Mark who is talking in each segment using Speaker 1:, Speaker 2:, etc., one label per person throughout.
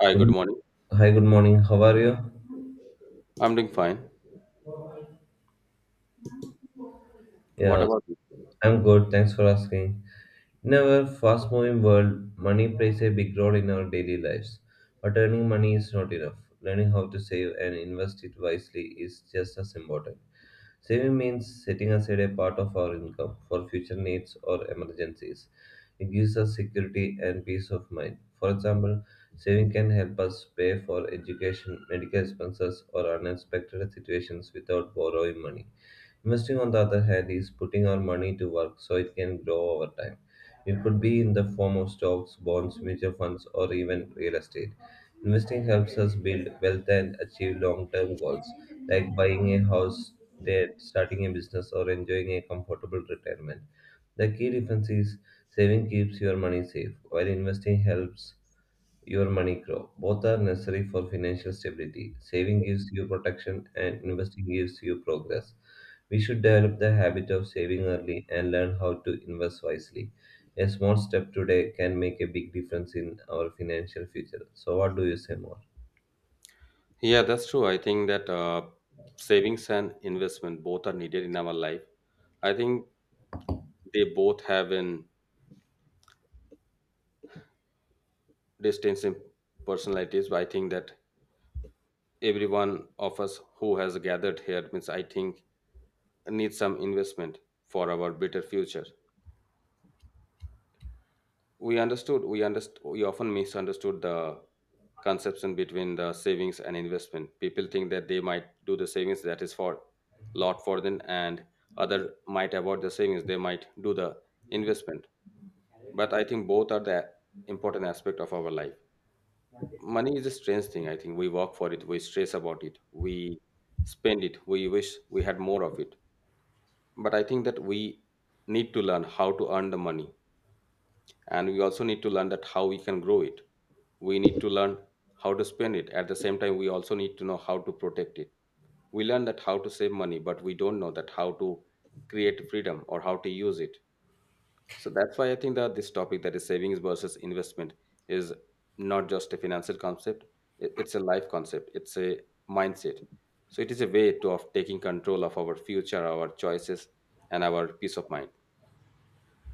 Speaker 1: Hi, good
Speaker 2: Good-
Speaker 1: morning.
Speaker 2: Hi, good morning. How are you?
Speaker 1: I'm doing fine. What
Speaker 2: Yeah,
Speaker 1: about you?
Speaker 2: I'm good. Thanks for asking. In our fast moving world, money plays a big role in our daily lives. But earning money is not enough. Learning how to save and invest it wisely is just as important. Saving means setting aside a part of our income for future needs or emergencies. It gives us security and peace of mind. For example, saving can help us pay for education, medical expenses, or unexpected situations without borrowing money. Investing, on the other hand, is putting our money to work so it can grow over time. It could be in the form of stocks, bonds, mutual funds, or even real estate. Investing helps us build wealth and achieve long term goals like buying a house, debt, starting a business, or enjoying a comfortable retirement. The key difference is saving keeps your money safe, while investing helps your money grow. Both are necessary for financial stability. Saving gives you protection and investing gives you progress. We should develop the habit of saving early and learn how to invest wisely. A small step today can make a big difference in our financial future. So, what do you say more?
Speaker 1: Yeah, that's true. I think that savings and investment both are needed in our life. I think they both have an distinct in personalities, but I think that everyone of us who has gathered here means I think needs some investment for our better future. We understood we often misunderstood the conception between the savings and investment. People think that they might do the savings that is for lot for them, and other might avoid the savings, they might do the investment. But I think both are the important aspect of our life. Money is a strange thing. I think we work for it, we stress about it, we spend it, we wish we had more of it. But I think that we need to learn how to earn the money, and we also need to learn that how we can grow it. We need to learn how to spend it. At the same time, we also need to know how to protect it. We learn that how to save money, but we don't know that how to create freedom or how to use it. So that's why I think that this topic, that is savings versus investment, is not just a financial concept. It's a life concept, it's a mindset. So it is a way to of taking control of our future, our choices, and our peace of mind.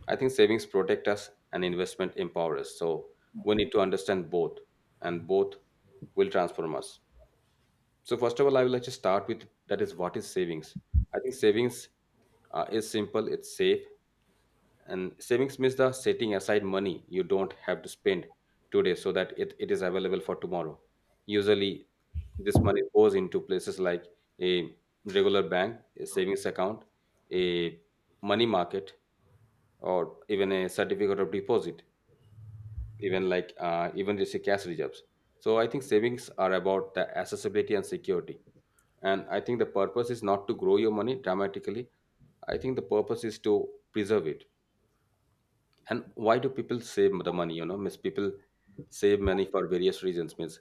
Speaker 1: I think savings protect us and investment empower us. So we need to understand both, and both will transform us. So first of all, I would like to start with that is what is savings. I think savings is simple, it's safe, and savings means the setting aside money you don't have to spend today so that it is available for tomorrow. Usually, this money goes into places like a regular bank, a savings account, a money market, or even a certificate of deposit, even like even just the cash reserves. So I think savings are about the accessibility and security. And I think the purpose is not to grow your money dramatically. I think the purpose is to preserve it. And why do people save the money? You know, means people save money for various reasons. Means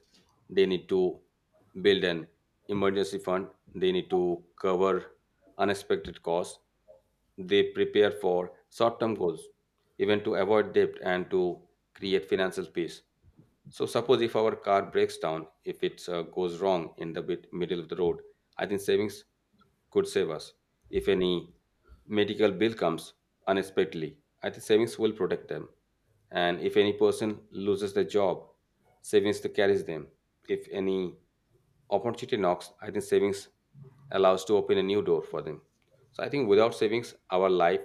Speaker 1: they need to build an emergency fund. They need to cover unexpected costs. They prepare for short-term goals, even to avoid debt and to create financial peace. So suppose if our car breaks down, if it goes wrong in the bit, middle of the road, I think savings could save us. If any medical bill comes unexpectedly, I think savings will protect them. And if any person loses their job, savings to carries them. If any opportunity knocks, I think savings allows to open a new door for them. So I think without savings, our life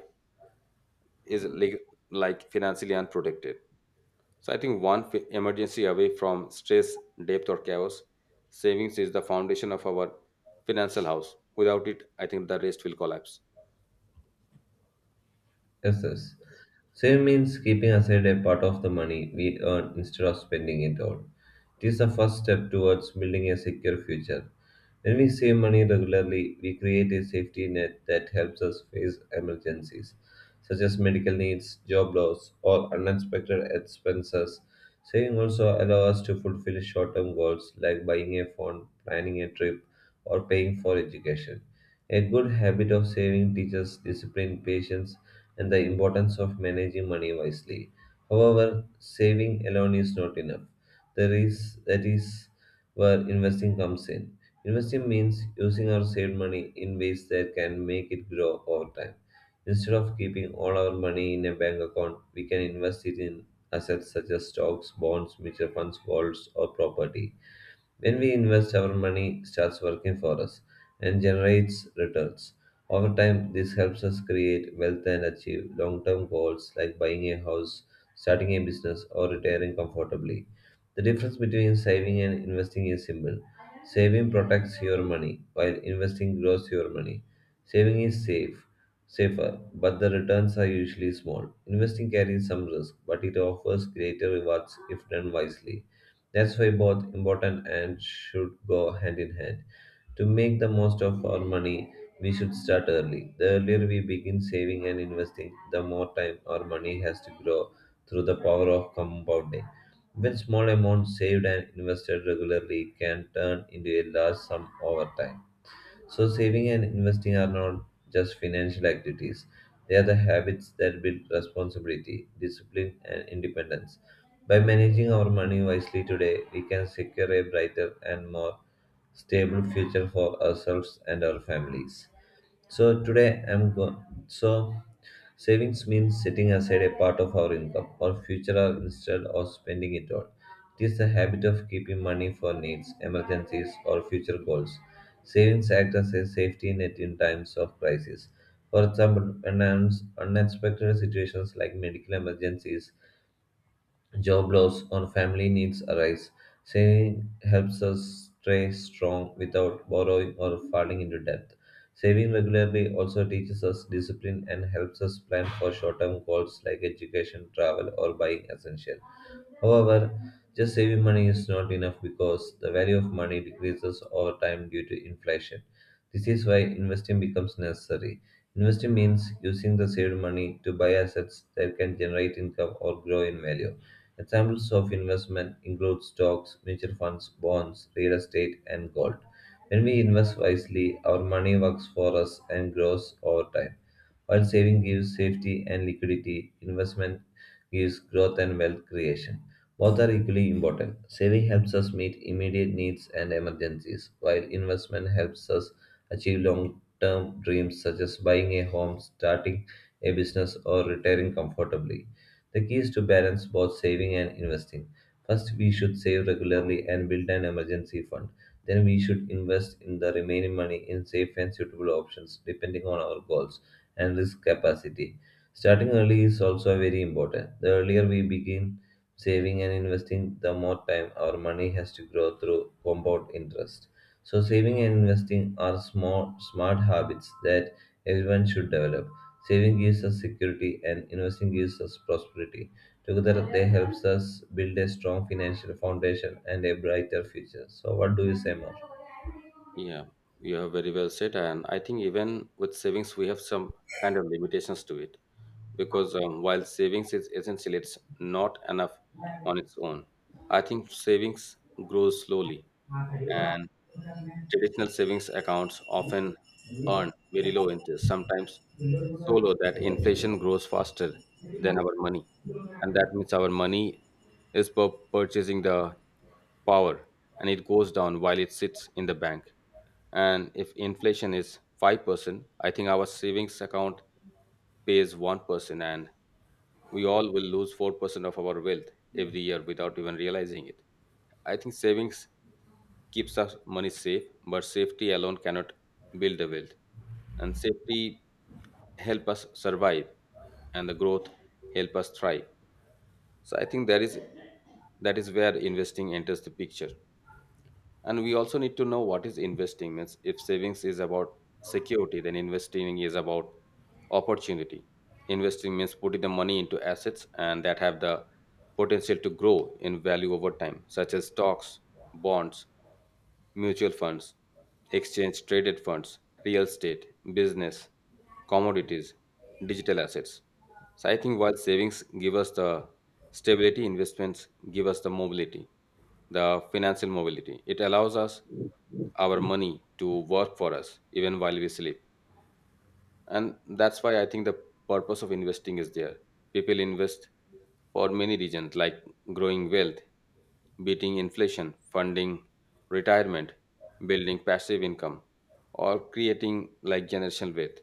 Speaker 1: is like financially unprotected. So I think emergency away from stress, depth, or chaos, savings is the foundation of our financial house. Without it, I think the rest will collapse.
Speaker 2: Yes, yes. Save means keeping aside a part of the money we earn instead of spending it all. It is the first step towards building a secure future. When we save money regularly, we create a safety net that helps us face emergencies, such as medical needs, job loss, or unexpected expenses. Saving also allows us to fulfill short term goals like buying a phone, planning a trip, or paying for education. A good habit of saving teaches discipline, patience, and the importance of managing money wisely. However, saving alone is not enough. There is that is where investing comes in. Investing means using our saved money in ways that can make it grow over time. Instead of keeping all our money in a bank account, we can invest it in assets such as stocks, bonds, mutual funds, golds, or property. When we invest, our money starts working for us and generates returns. Over time, this helps us create wealth and achieve long term goals like buying a house, starting a business, or retiring comfortably. The difference between saving and investing is simple, saving protects your money, while investing grows your money. Saving is safe. Safer, but the returns are usually small. Investing carries some risk, but it offers greater rewards if done wisely. That's why both important and should go hand in hand. To make the most of our money, we should start early. The earlier we begin saving and investing, the more time our money has to grow through the power of compounding. When small amounts saved and invested regularly can turn into a large sum over time. So, saving and investing are not just financial activities, they are the habits that build responsibility, discipline, and independence. By managing our money wisely today, we can secure a brighter and more stable future for ourselves and our families. So today I'm going. So savings means setting aside a part of our income for future or instead of spending it all. It is the habit of keeping money for needs, emergencies, or future goals. Savings act as a safety net in times of crisis. For example, unexpected situations like medical emergencies, job loss, or family needs arise. Saving helps us stay strong without borrowing or falling into debt. Saving regularly also teaches us discipline and helps us plan for short term goals like education, travel, or buying essential. However, just saving money is not enough because the value of money decreases over time due to inflation. This is why investing becomes necessary. Investing means using the saved money to buy assets that can generate income or grow in value. Examples of investment include stocks, mutual funds, bonds, real estate, and gold. When we invest wisely, our money works for us and grows over time. While saving gives safety and liquidity, investment gives growth and wealth creation. Both are equally important. Saving helps us meet immediate needs and emergencies, while investment helps us achieve long term dreams such as buying a home, starting a business, or retiring comfortably. The key is to balance both saving and investing. First, we should save regularly and build an emergency fund. Then, we should invest in the remaining money in safe and suitable options depending on our goals and risk capacity. Starting early is also very important. The earlier we begin saving and investing, the more time our money has to grow through compound interest. So, saving and investing are small, smart habits that everyone should develop. Saving gives us security and investing gives us prosperity. Together, they helps us build a strong financial foundation and a brighter future. So, what do you say more?
Speaker 1: Yeah, you have very well said, and I think even with savings, we have some kind of limitations to it, because while savings is essential, it's not enough on its own. I think savings grows slowly, and traditional savings accounts often earn very low interest, sometimes so low that inflation grows faster than our money. And that means our money is purchasing the power and it goes down while it sits in the bank. And if inflation is 5%, I think our savings account pays one person, and we all will lose 4% of our wealth every year without even realizing it. I think savings keeps us money safe, but safety alone cannot build the wealth. And safety help us survive and the growth help us thrive. So I think that is where investing enters the picture. And we also need to know what is investing means. If savings is about security, then investing is about opportunity. Investing means putting the money into assets and that have the potential to grow in value over time, such as stocks, bonds, mutual funds, exchange traded funds, real estate, business, commodities, digital assets. So I think while savings give us the stability, investments give us the mobility, the financial mobility. It allows us our money to work for us even while we sleep. And that's why I think the purpose of investing is there. People invest for many reasons, like growing wealth, beating inflation, funding retirement, building passive income, or creating like generational wealth.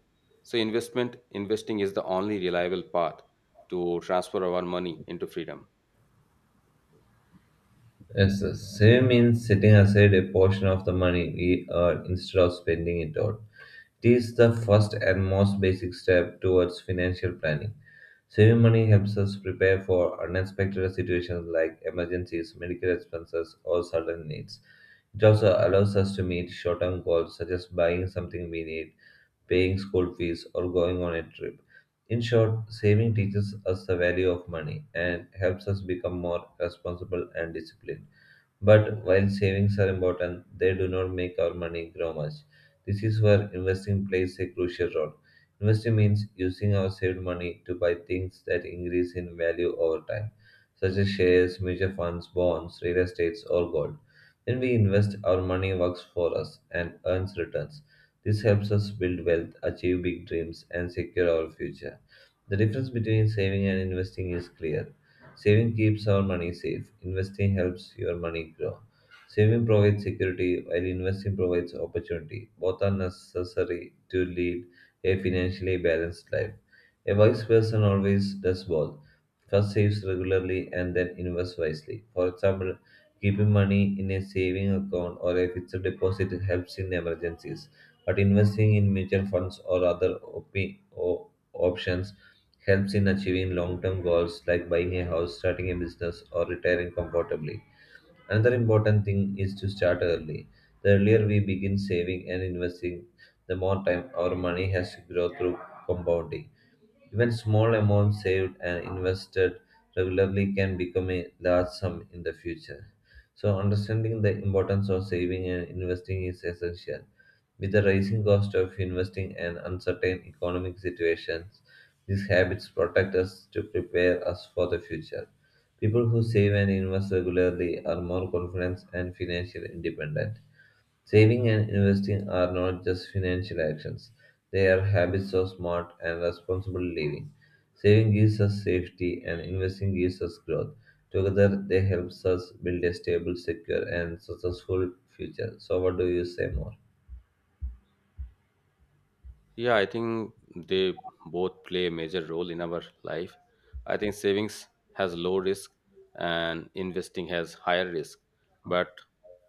Speaker 1: So investment investing is the only reliable path to transfer our money into freedom.
Speaker 2: Yes, sir. Saving means setting aside a portion of the money we earn instead of spending it all. It is the first and most basic step towards financial planning. Saving money helps us prepare for unexpected situations like emergencies, medical expenses, or sudden needs. It also allows us to meet short term goals such as buying something we need, paying school fees, or going on a trip. In short, saving teaches us the value of money and helps us become more responsible and disciplined. But while savings are important, they do not make our money grow much. This is where investing plays a crucial role. Investing means using our saved money to buy things that increase in value over time, such as shares, mutual funds, bonds, real estates, or gold. When we invest, our money works for us and earns returns. This helps us build wealth, achieve big dreams, and secure our future. The difference between saving and investing is clear. Saving keeps our money safe. Investing helps your money grow. Saving provides security while investing provides opportunity. Both are necessary to lead a financially balanced life. A wise person always does both. First saves regularly and then invests wisely. For example, keeping money in a saving account or a fixed deposit helps in emergencies, but investing in mutual funds or other options helps in achieving long-term goals like buying a house, starting a business, or retiring comfortably. Another important thing is to start early. The earlier we begin saving and investing, the more time our money has to grow through compounding. Even small amounts saved and invested regularly can become a large sum in the future. So, understanding the importance of saving and investing is essential. With the rising cost of investing and uncertain economic situations, these habits protect us to prepare us for the future. People who save and invest regularly are more confident and financially independent. Saving and investing are not just financial actions, they are habits of smart and responsible living. Saving gives us safety and investing gives us growth. Together, they helps us build a stable, secure, and successful future. So, what do you say more?
Speaker 1: Yeah, I think they both play a major role in our life. I think savings has low risk and investing has higher risk, but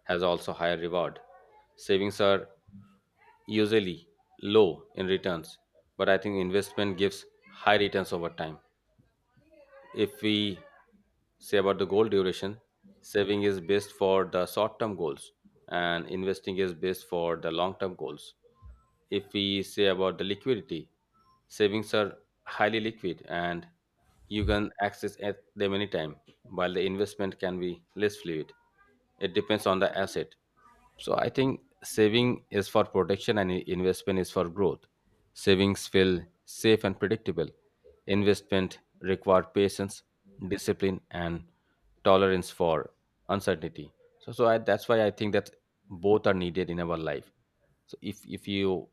Speaker 1: has also higher reward. Savings are usually low in returns, but I think investment gives high returns over time. If we say about the goal duration, saving is best for the short term goals and investing is best for the long term goals. If we say about the liquidity, savings are highly liquid and you can access at them anytime, while the investment can be less fluid, it depends on the asset. So I think saving is for protection and investment is for growth. Savings feel safe and predictable. Investment require patience, discipline, and tolerance for uncertainty. That's why I think that both are needed in our life. So if you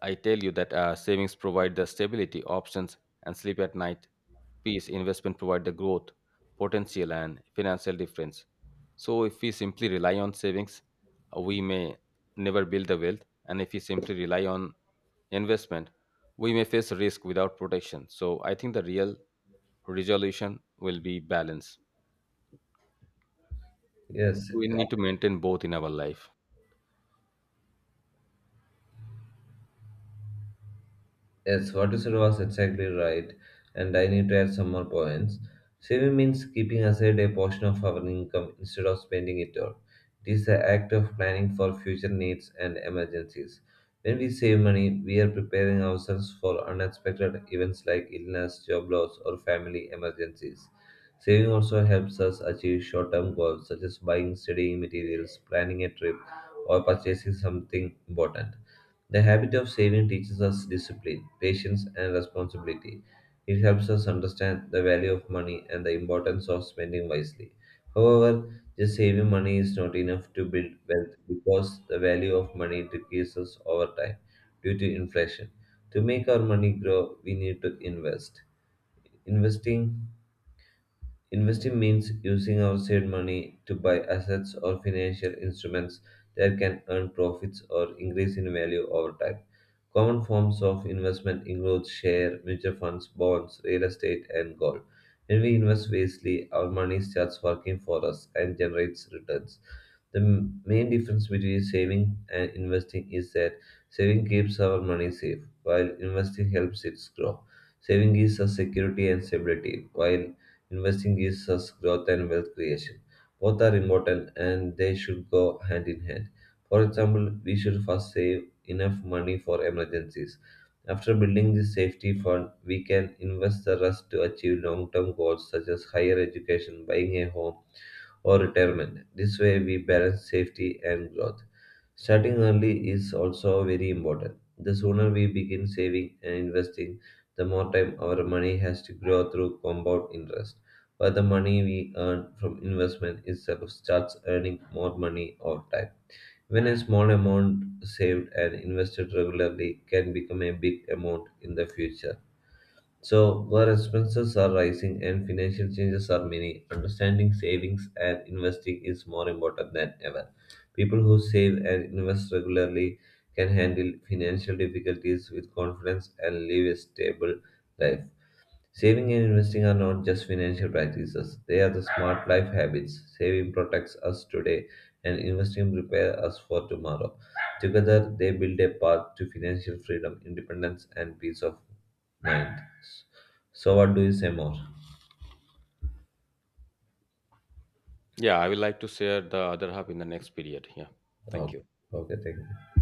Speaker 1: I tell you that savings provide the stability, options, and sleep at night. Peace investment provide the growth, potential, and financial difference. So if we simply rely on savings, we may never build the wealth, and if we simply rely on investment, we may face risk without protection. So I think the real resolution will be balance.
Speaker 2: Yes,
Speaker 1: We need to maintain both in our life.
Speaker 2: yes, what you said was exactly right, and I need to add some more points. Saving means keeping aside a portion of our income instead of spending it all. It is the act of planning for future needs and emergencies. When we save money, we are preparing ourselves for unexpected events like illness, job loss, or family emergencies. Saving also helps us achieve short term goals such as buying studying materials, planning a trip, or purchasing something important. The habit of saving teaches us discipline, patience, and responsibility. It helps us understand the value of money and the importance of spending wisely. However, just saving money is not enough to build wealth because the value of money decreases over time due to inflation. To make our money grow, we need to invest. Investing Investing means using our saved money to buy assets or financial instruments that can earn profits or increase in value over time. Common forms of investment include share, mutual funds, bonds, real estate, and gold. When we invest wisely, our money starts working for us and generates returns. The main difference between saving and investing is that saving keeps our money safe, while investing helps it grow. Saving gives us security and stability, while investing gives us growth and wealth creation. Both are important and they should go hand in hand. For example, we should first save enough money for emergencies. After building this safety fund, we can invest the rest to achieve long term goals such as higher education, buying a home, or retirement. This way, we balance safety and growth. Starting early is also very important. The sooner we begin saving and investing, the more time our money has to grow through compound interest. But the money we earn from investment itself starts earning more money over time. When a small amount saved and invested regularly can become a big amount in the future. So, where expenses are rising and financial changes are many, understanding savings and investing is more important than ever. People who save and invest regularly can handle financial difficulties with confidence and live a stable life. Saving and investing are not just financial practices, they are the smart life habits. Saving protects us today and investing prepares us for tomorrow. Together, they build a path to financial freedom, independence, and peace of mind. So, what do you say more?
Speaker 1: Yeah, I will like to share the other half in the next period. Yeah, thank
Speaker 2: Oh,
Speaker 1: you.
Speaker 2: okay, thank you.